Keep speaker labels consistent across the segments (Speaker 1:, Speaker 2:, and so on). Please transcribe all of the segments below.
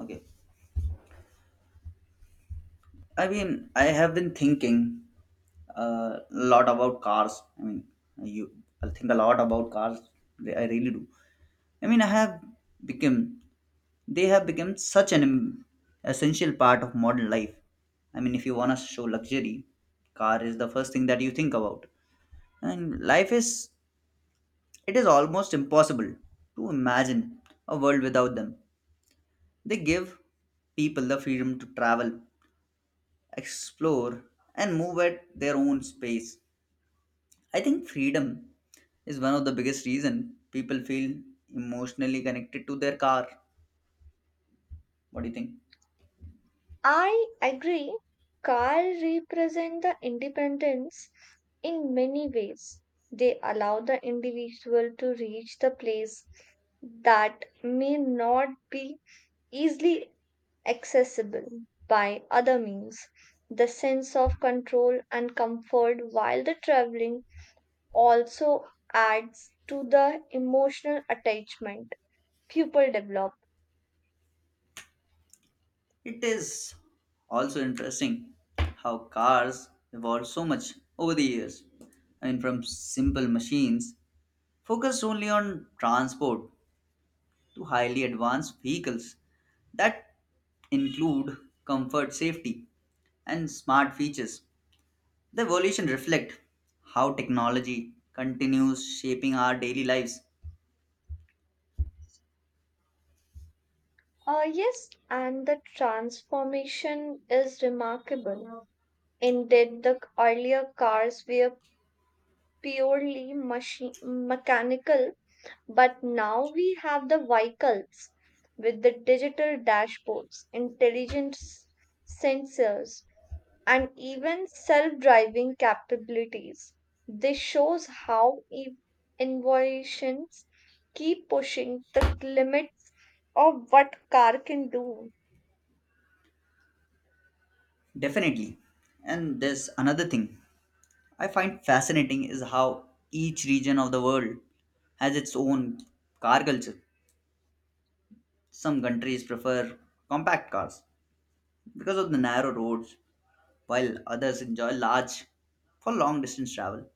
Speaker 1: Okay. I have been thinking a lot about cars. You, I think a lot about cars. I really do. I have become, they have become such an essential part of modern life. I mean, if you want to show luxury, car is the first thing that you think about. And life is, it is almost impossible to imagine a world without them. They give people the freedom to travel explore, and move at their own pace. I think freedom is one of the biggest reason people feel emotionally connected to their car. What do you think?
Speaker 2: I agree. Car represent the independence in many ways. They allow the individual to reach the place that may not be easily accessible by other means. The sense of control and comfort while the traveling also adds to the emotional attachment people develop.
Speaker 1: It is also interesting how cars evolved so much over the years. I mean, from simple machines focused only on transport to highly advanced vehicles that include comfort, safety, and smart features. The evolution reflects how technology continues shaping our daily lives.
Speaker 2: Yes, and the transformation is remarkable. Indeed, the earlier cars were purely machine mechanical, but now we have the vehicles with the digital dashboards, intelligent sensors, and even self-driving capabilities. This shows how innovations keep pushing the limits of what car can do.
Speaker 1: Definitely. And there's another thing I find fascinating is how each region of the world has its own car culture. Some countries prefer compact cars because of the narrow roads, while others enjoy large for long distance travel.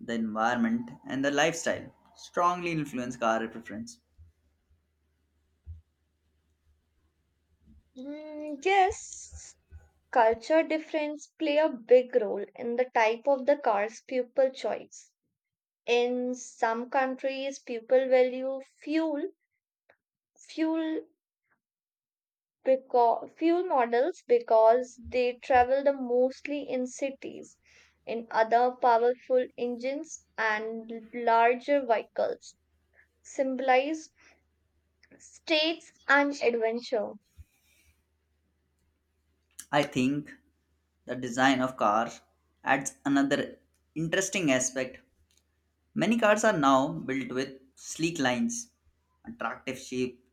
Speaker 1: The environment and the lifestyle strongly influence car preference.
Speaker 2: Yes, culture difference play a big role in the type of the cars people choose. In some countries, people value fuel fuel because fuel models because they travel the mostly in cities. In other, powerful engines and larger vehicles symbolize states and adventure.
Speaker 1: I think the design of cars adds another interesting aspect. Many cars are now built with sleek lines, attractive shape,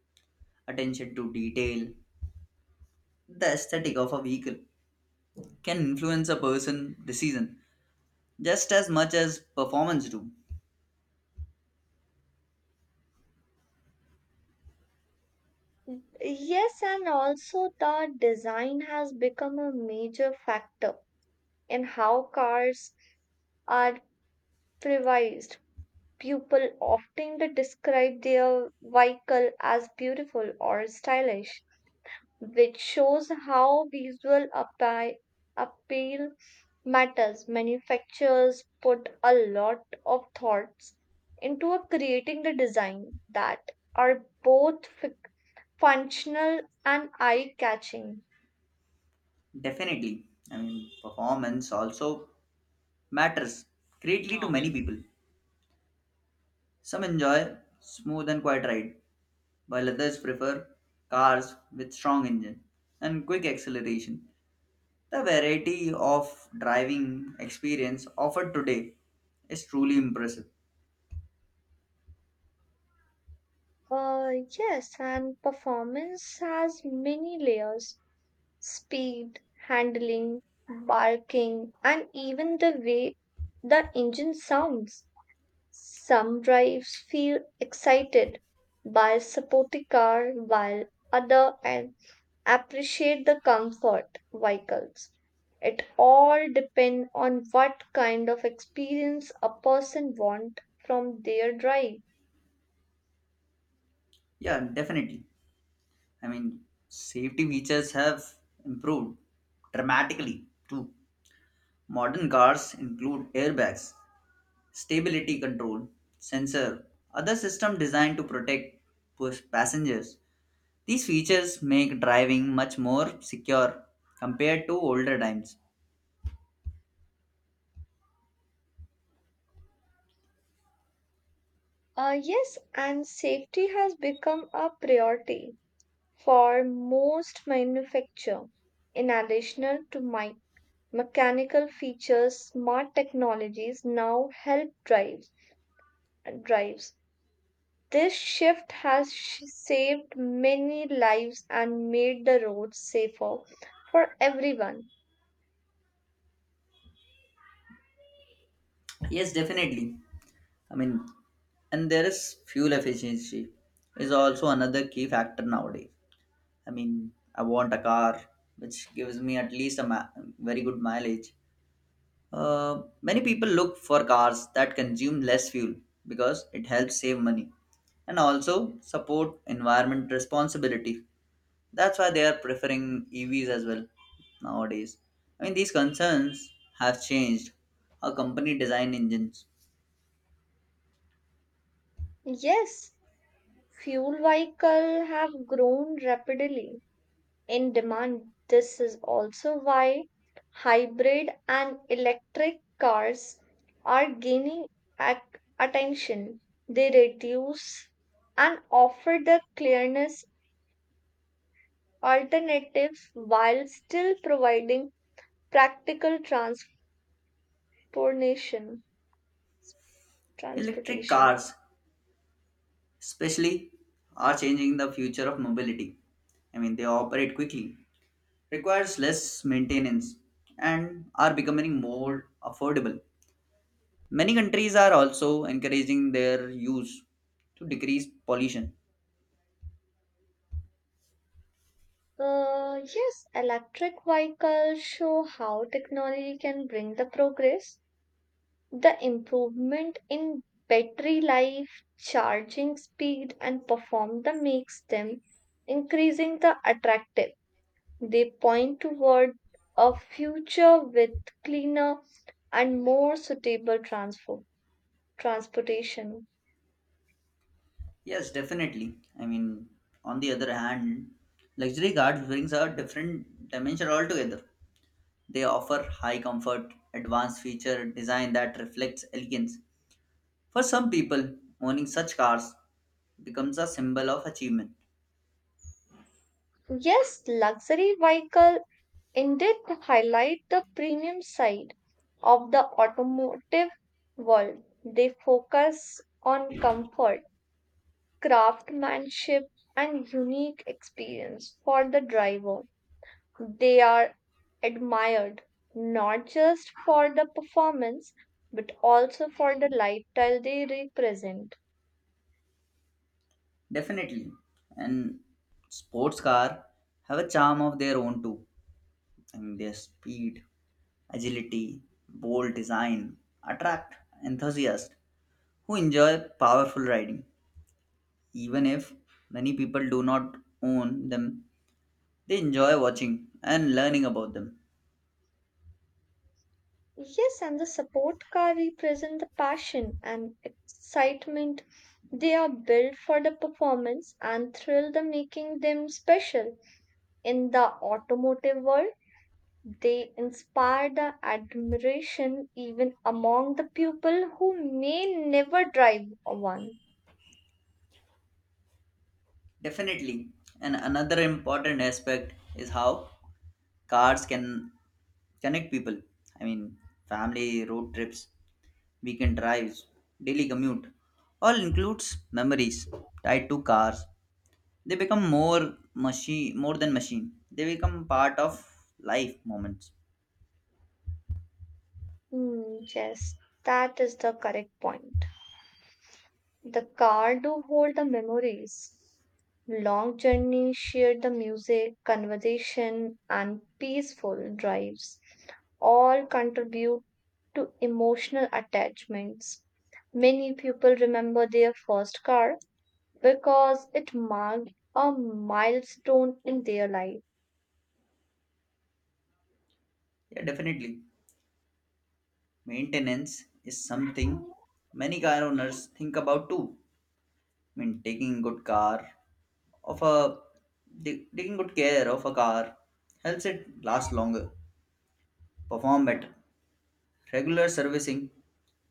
Speaker 1: attention to detail. The aesthetic of a vehicle can influence a person decision just as much as performance do.
Speaker 2: Yes, and also the design has become a major factor in how cars are privatized. People often describe their vehicle as beautiful or stylish, which shows how visual appeal matters. Manufacturers put a lot of thoughts into a creating the design that are both functional and eye-catching.
Speaker 1: Definitely. I mean performance also matters greatly to many people. Some enjoy smooth and quiet ride, while others prefer cars with strong engine and quick acceleration. The variety of driving experience offered today is truly impressive.
Speaker 2: Uh, yes, and performance has many layers speed, handling, barking, and even the way the engine sounds. Some drives feel excited by support the car, while other and appreciate the comfort vehicles. It all depends on what kind of experience a person want from their drive.
Speaker 1: Yeah, definitely. I mean, safety features have improved dramatically too. Modern cars include airbags, stability control, sensor, other system designed to protect passengers. These features make driving much more secure compared to older times.
Speaker 2: Yes, and safety has become a priority for most manufacture. In addition to my mechanical features, smart technologies now help drives. This shift has saved many lives and made the roads safer for everyone.
Speaker 1: Yes, definitely. I mean, and there is fuel efficiency is also another key factor nowadays. I mean, I want a car which gives me at least very good mileage. Many people look for cars that consume less fuel because it helps save money and also support environment responsibility. That's why they are preferring EVs as well nowadays. I mean, these concerns have changed how company design engines.
Speaker 2: Yes, fuel vehicle have grown rapidly in demand. This is also why hybrid and electric cars are gaining ac- attention. They reduce and offer the clearness alternative while still providing practical transportation.
Speaker 1: Electric
Speaker 2: transportation.
Speaker 1: cars especially are changing the future of mobility. I mean, they operate quickly, requires less maintenance, and are becoming more affordable. Many countries are also encouraging their use to decrease pollution.
Speaker 2: Yes, electric vehicles show how technology can bring the progress. The improvement in battery life, charging speed, and performance makes them increasing the attractive. They point toward a future with cleaner and more suitable transportation.
Speaker 1: Yes, definitely. I mean, on the other hand, luxury cars brings a different dimension altogether. They offer high comfort, advanced feature design that reflects elegance. For some people, owning such cars becomes a symbol of achievement.
Speaker 2: Yes, luxury vehicle indeed highlight the premium side of the automotive world. They focus on comfort craftsmanship, and unique experience for the driver. They are admired not just for the performance but also for the lifestyle they represent.
Speaker 1: Definitely. And sports car have a charm of their own too. I mean their speed, agility, bold design attract enthusiasts who enjoy powerful riding. Even if many people do not own them, they enjoy watching and learning about them.
Speaker 2: Yes, and the support car represent the passion and excitement. They are built for the performance and thrill the making them special in the automotive world. They inspire the admiration even among the people who may never drive a one.
Speaker 1: Definitely. And another important aspect is how cars can connect people. I mean family road trips, weekend drives, daily commute all includes memories tied to cars. They become more than machine. They become part of life moments.
Speaker 2: Yes, that is the correct point. The car do hold the memories. Long journey shared the music, conversation, and peaceful drives. All contribute to emotional attachments. Many people remember their first car because it marked a milestone in their life.
Speaker 1: Yeah, definitely. Maintenance is something many car owners think about too. I mean of a taking good care of a car helps it last longer, perform better. Regular servicing,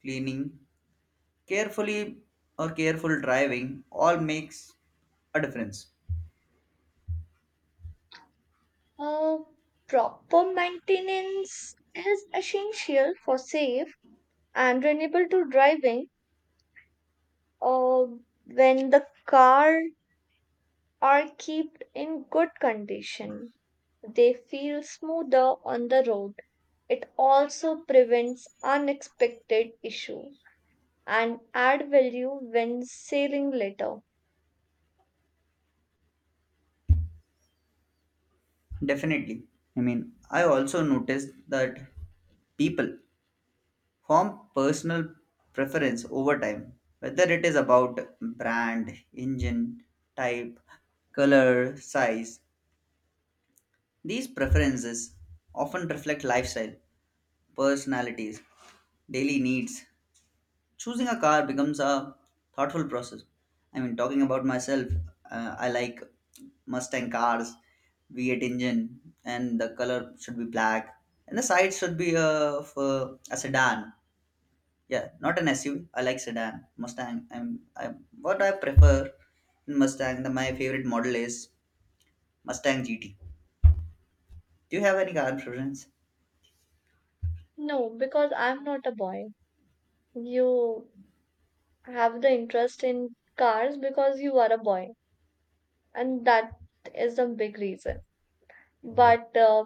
Speaker 1: cleaning carefully, or careful driving all makes a difference.
Speaker 2: Uh, Proper maintenance is essential for safe and renewable to driving, uh, when the car are kept in good condition. They feel smoother on the road. It also prevents unexpected issue and add value when sailing later.
Speaker 1: Definitely. I mean, I also noticed that people form personal preference over time, whether it is about brand, engine type, color, size. These preferences often reflect lifestyle, personalities, daily needs. Choosing a car becomes a thoughtful process. I mean talking about myself, I like Mustang cars, v8 engine, and the color should be black, and the side should be of a sedan. Yeah, not an SUV. I like sedan Mustang. I what I prefer in Mustang, my favorite model is Mustang GT. Do you have any car preference?
Speaker 2: No, because I'm not a boy. You have the interest in cars because you are a boy, and that is the big reason. But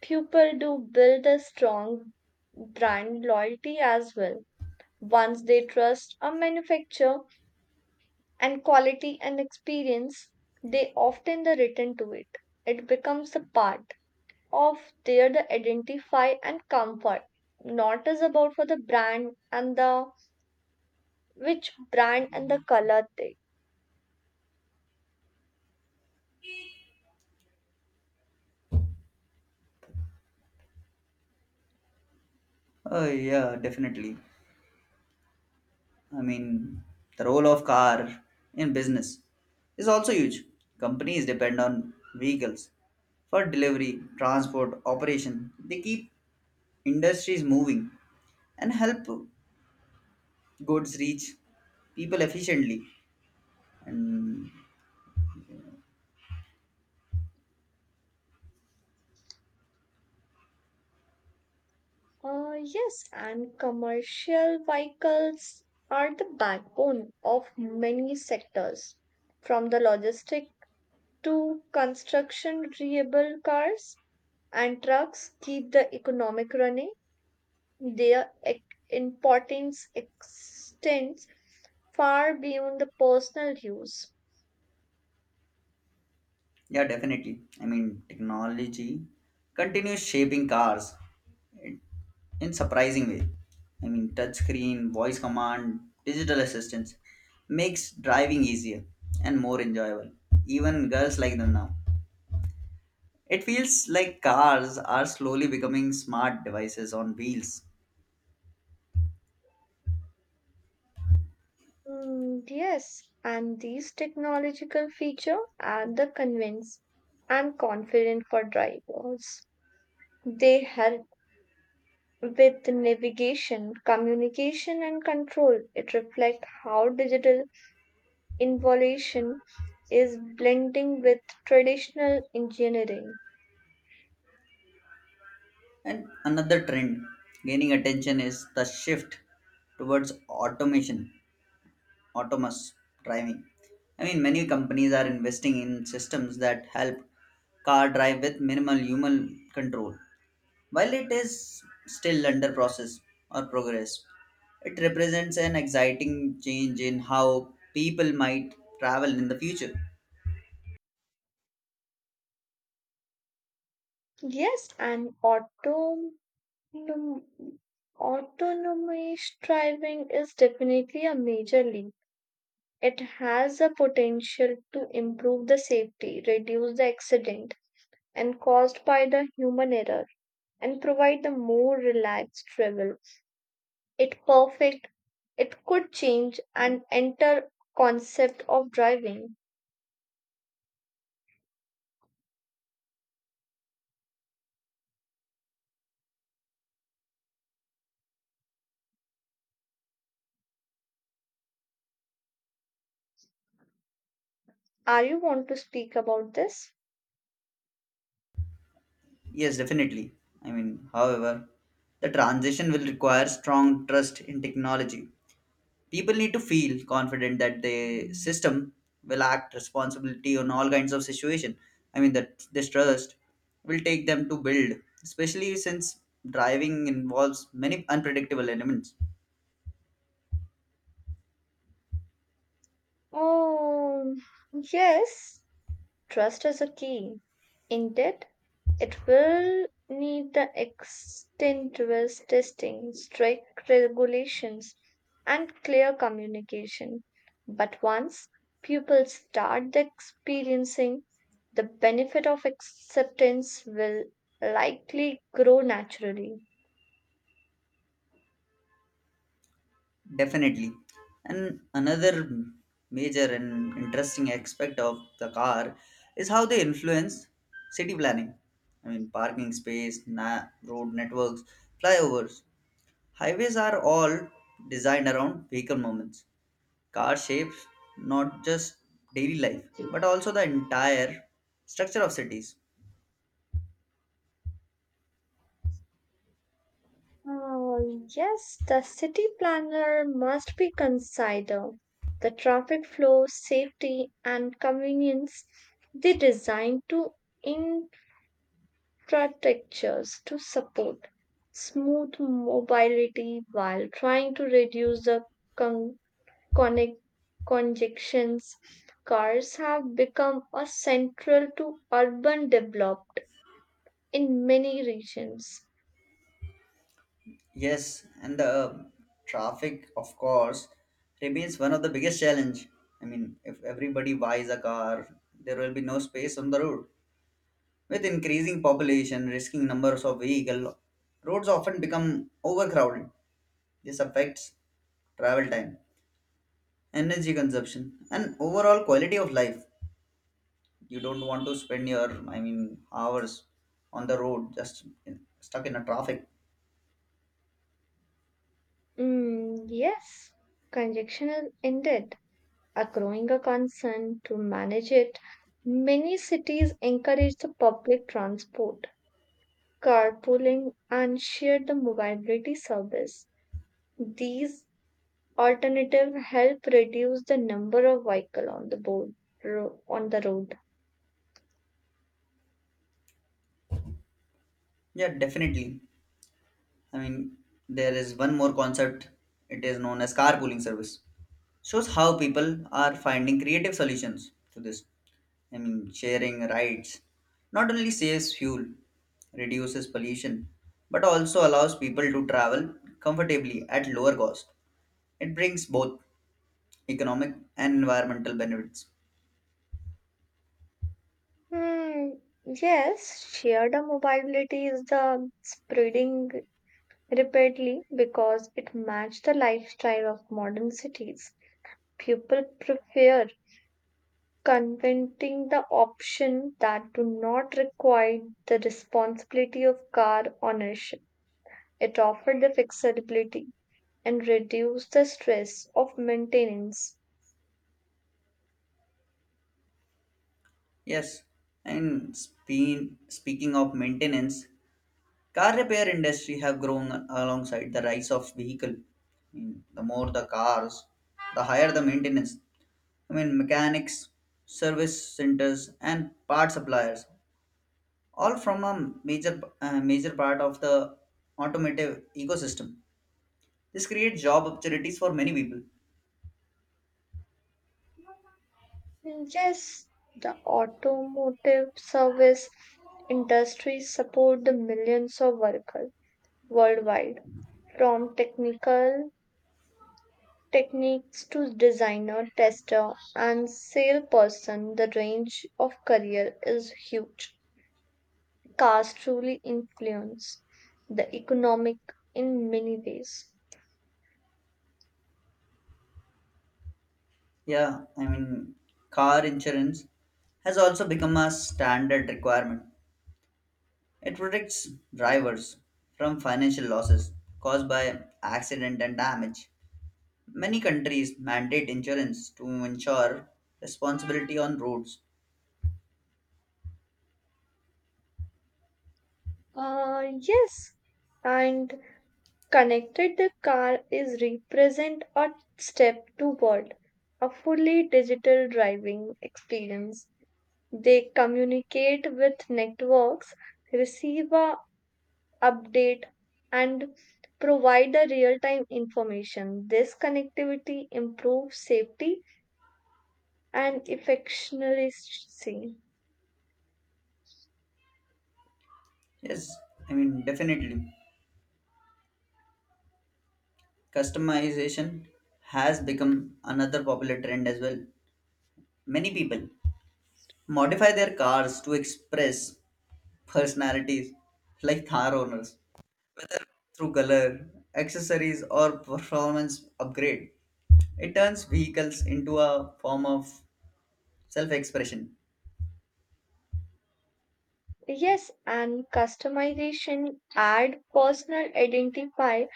Speaker 2: people do build a strong brand loyalty as well. Once they trust a manufacturer and quality and experience, they often the return to it. It becomes a part of their the identify and comfort. Not as about for the brand and the which brand and the color they.
Speaker 1: Oh, yeah, definitely. I mean, the role of car in business is also huge. Companies depend on vehicles for delivery, transport, operation. They keep industries moving and help goods reach people efficiently. And
Speaker 2: Yes, and commercial vehicles are the backbone of many sectors, from the logistic to construction reliable cars and trucks keep the economic running. Their importance extends far beyond the personal use.
Speaker 1: yeah, definitely. I mean, technology continues shaping cars in in surprising way. I mean, touchscreen, voice command, digital assistance makes driving easier and more enjoyable. Even girls like them now. It feels like cars are slowly becoming smart devices on wheels.
Speaker 2: Yes, and these technological feature are the convince and confident for drivers. They help with navigation, communication, and control, it reflects how digital involution is blending with traditional engineering.
Speaker 1: And another trend gaining attention is the shift towards automation, autonomous driving. I mean, many companies are investing in systems that help car drive with minimal human control. While it is still under process or progress, it represents an exciting change in how people might travel in the future.
Speaker 2: Yes, and autonomous driving is definitely a major leap. It has the potential to improve the safety, reduce the accident and caused by the human error, and provide the more relaxed travel. It perfect. It could change and enter concept of driving. Are you want to speak about this?
Speaker 1: Yes, definitely. I mean, however, the transition will require strong trust in technology. People need to feel confident that the system will act responsibility on all kinds of situation. I mean that this trust will take them to build, especially since driving involves many unpredictable elements.
Speaker 2: Oh, yes. Trust is a key. Indeed, it will need the extensive testing, strict regulations, and clear communication. But once pupils start the experiencing, the benefit of acceptance will likely grow naturally.
Speaker 1: Definitely. And another major and interesting aspect of the car is how they influence city planning. I mean road networks, flyovers, highways are all designed around vehicle movements. Car shapes not just daily life, but also the entire structure of cities.
Speaker 2: Uh, yes, the city planner must be consider the traffic flow, safety, and convenience they design to strategies to support smooth mobility while trying to reduce the con- connect- congestions. Cars have become a central to urban developed in many regions.
Speaker 1: Yes, and the traffic, of course, remains one of the biggest challenge. I mean, if everybody buys a car, there will be no space on the road. With increasing population, risking numbers of vehicle, roads often become overcrowded. This affects travel time, energy consumption, and overall quality of life. You don't want to spend your, I mean, hours on the road just stuck in a traffic.
Speaker 2: Yes, congestion is indeed a growing a concern to manage it. Many cities encourage the public transport, carpooling, and share the mobility service. These alternative help reduce the number of vehicle on the on the road.
Speaker 1: Yeah, definitely. I mean, there is one more concept. It is known as carpooling service. Shows how people are finding creative solutions to this. I mean sharing rides not only saves fuel, reduces pollution, but also allows people to travel comfortably at lower cost. It brings both economic and environmental benefits.
Speaker 2: Hmm, yes, shared mobility is the spreading rapidly because it matches the lifestyle of modern cities. People prefer conventing the option that do not require the responsibility of car ownership. It offers the flexibility and reduce the stress of maintenance.
Speaker 1: Yes, and speaking of maintenance, car repair industry have grown alongside the rise of vehicle. I mean, the more the cars, the higher the maintenance. I mean, mechanics, service centers, and part suppliers, all from a major part of the automotive ecosystem. This creates job opportunities for many people.
Speaker 2: Yes, the automotive service industry support the millions of workers worldwide, from technical techniques to designer, tester, and salesperson. The range of career is huge. Cars truly influence the economic in many ways.
Speaker 1: Yeah, I mean, car insurance has also become a standard requirement. It protects drivers from financial losses caused by accident and damage. Many countries mandate insurance to ensure responsibility on roads.
Speaker 2: Yes, and connected the car is represent a step toward a fully digital driving experience. They communicate with networks, receive a update and provide a real-time information. This connectivity improves safety and efficiency.
Speaker 1: Yes, I mean, definitely. Customization has become another popular trend as well. Many people modify their cars to express personalities like car owners, whether through color, accessories, or performance upgrade. It turns vehicles into a form of self expression.
Speaker 2: Yes, and customization add personal identifier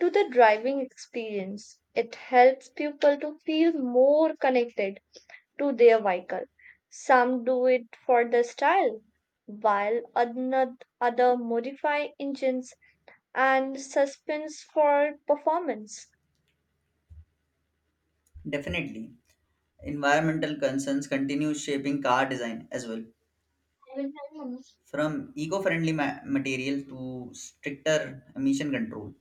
Speaker 2: to the driving experience. It helps people to feel more connected to their vehicle. Some do it for the style, while another other modify engines and suspense for performance.
Speaker 1: Definitely. Environmental concerns continue shaping car design as well, from eco friendly material to stricter emission control.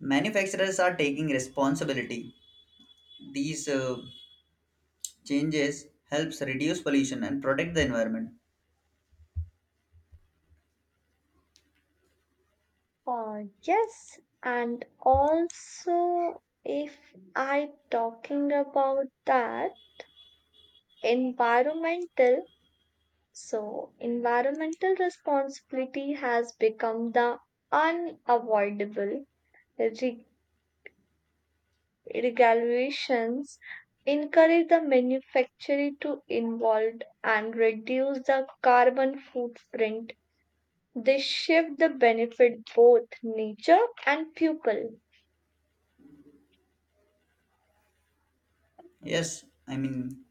Speaker 1: Manufacturers are taking responsibility. These changes helps reduce pollution and protect the environment.
Speaker 2: Yes, and also if I talking about that environmental. So, environmental responsibility has become the unavoidable. Reg- Regulations encourage the manufacturer to involve and reduce the carbon footprint. They shift the benefit both nature and people.
Speaker 1: Yes, I mean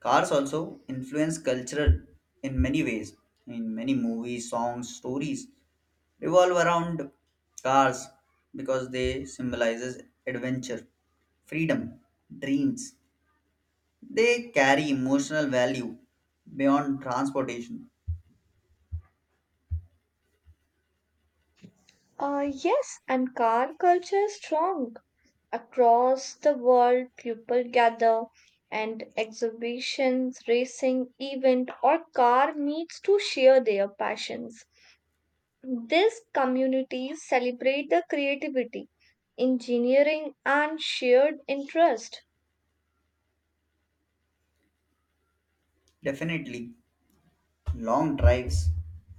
Speaker 1: cars also influence culture in many ways. In many movies, songs, stories revolve around cars because they symbolizes adventure, freedom, dreams. They carry emotional value beyond transportation.
Speaker 2: Yes, and car culture is strong. Across the world, people gather and exhibitions, racing, event, or car meets to share their passions. These communities celebrate the creativity, engineering, and shared interest.
Speaker 1: Definitely, long drives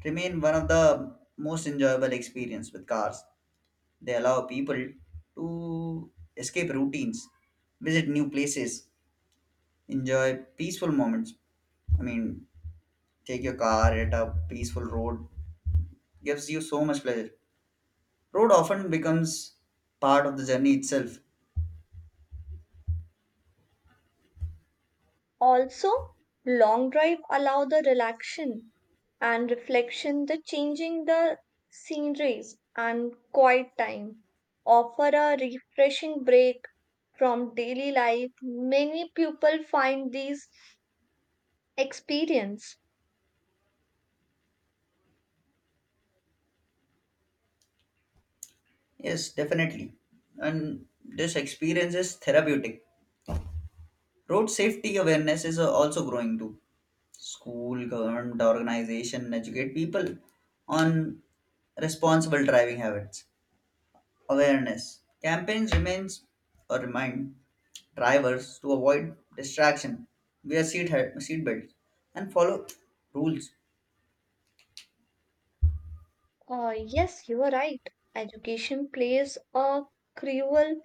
Speaker 1: remain one of the most enjoyable experience with cars. They allow people to escape routines, visit new places, enjoy peaceful moments. I mean, take your car at a peaceful road gives you so much pleasure. Road often becomes part of the journey itself.
Speaker 2: Also, long drive allow the relaxation and reflection, the changing the sceneries and quiet time offer a refreshing break from daily life. Many people find these experience.
Speaker 1: Yes, definitely. And this experience is therapeutic. Road safety awareness is also growing too. School, government, organization educate people on responsible driving habits. Awareness campaigns remains or remind drivers to avoid distraction, wear seat belts, and follow rules.
Speaker 2: Yes, you are right. Education plays a crucial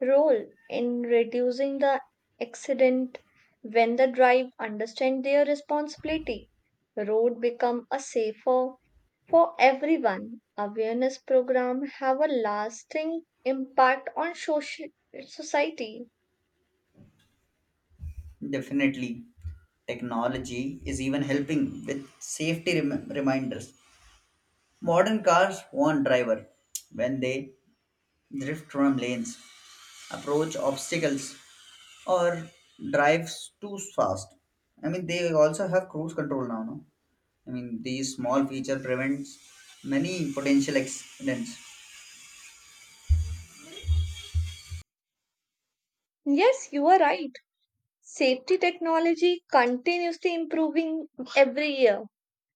Speaker 2: role in reducing the accident when the drive understand their responsibility road become a safer for everyone awareness program have a lasting impact on social society.
Speaker 1: Definitely, technology is even helping with safety reminders. Modern cars warn driver when they drift from lanes, approach obstacles, or drives too fast. I mean, they also have cruise control now. No? I mean, these small feature prevents many potential accidents.
Speaker 2: Yes, you are right. Safety technology continuously improving every year.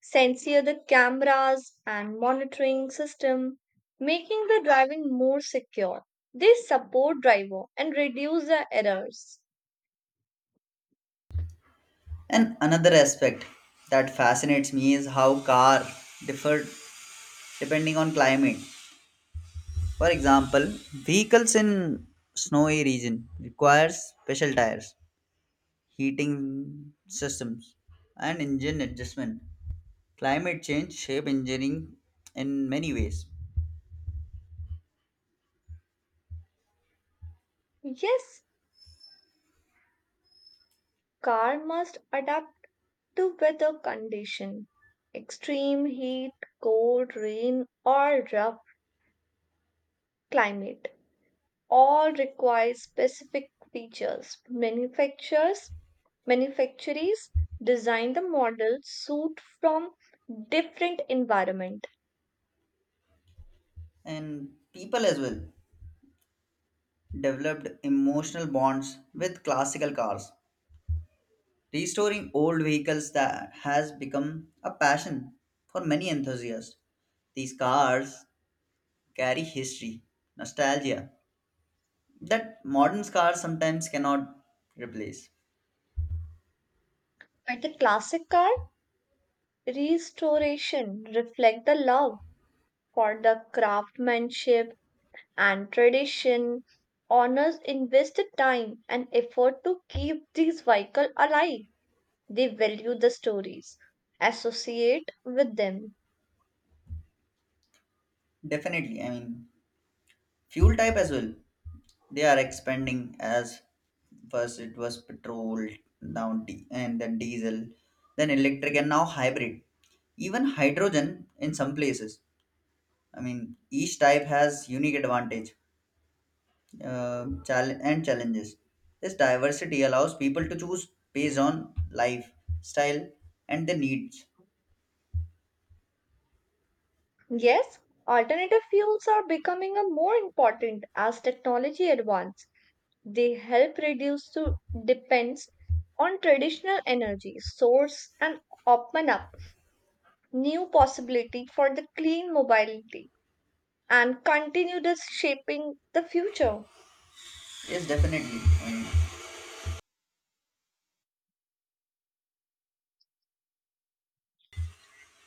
Speaker 2: Sensor the cameras and monitoring system, making the driving more secure. They support driver and reduce the errors.
Speaker 1: And another aspect that fascinates me is how car differ depending on climate. For example, vehicles in snowy region requires special tires, heating systems, and engine adjustment. Climate change shape engineering in many ways,
Speaker 2: Yes, car must adapt to weather condition, extreme heat, cold, rain or rough climate. All require specific features. Manufacturers design the model suit from different environment.
Speaker 1: and people as well developed emotional bonds with classical cars. Restoring old vehicles that has become a passion for many enthusiasts. These cars carry history, nostalgia, that modern cars sometimes cannot replace.
Speaker 2: At the classic car, restoration reflect the love for the craftsmanship and tradition. Owners invested time and effort to keep these vehicles alive. They value the stories associate with them.
Speaker 1: Definitely, I mean, fuel type as well. They are expanding as first it was petrol, and then diesel, then electric, and now hybrid. Even hydrogen in some places. I mean, each type has unique advantage and challenges. This diversity allows people to choose based on lifestyle and the needs.
Speaker 2: Yes, alternative fuels are becoming a more important as technology advances. They help reduce to depends on traditional energy source and open up new possibility for the clean mobility and continue this shaping the future.
Speaker 1: Yes, definitely.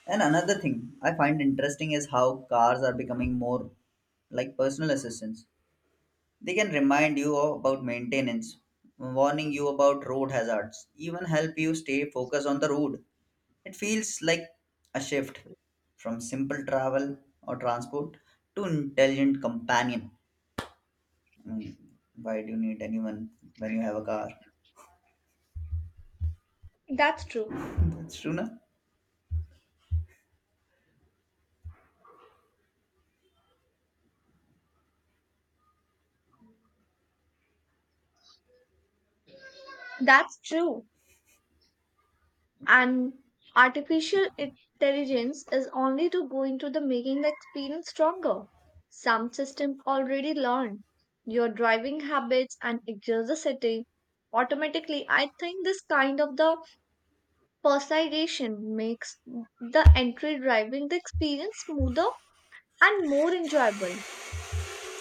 Speaker 1: And another thing I find interesting is how cars are becoming more like personal assistants. They can remind you about maintenance, warning you about road hazards, even help you stay focused on the road. It feels like a shift from simple travel or transport to intelligent companion. Mm, why do you need anyone when you have a car?
Speaker 2: That's true.
Speaker 1: That's true, na?
Speaker 2: That's true. And artificial intelligence is only to go into the making the experience stronger. Some system already learn your driving habits and adjust the setting automatically. I think this kind of the personalization makes the entry driving the experience smoother and more enjoyable.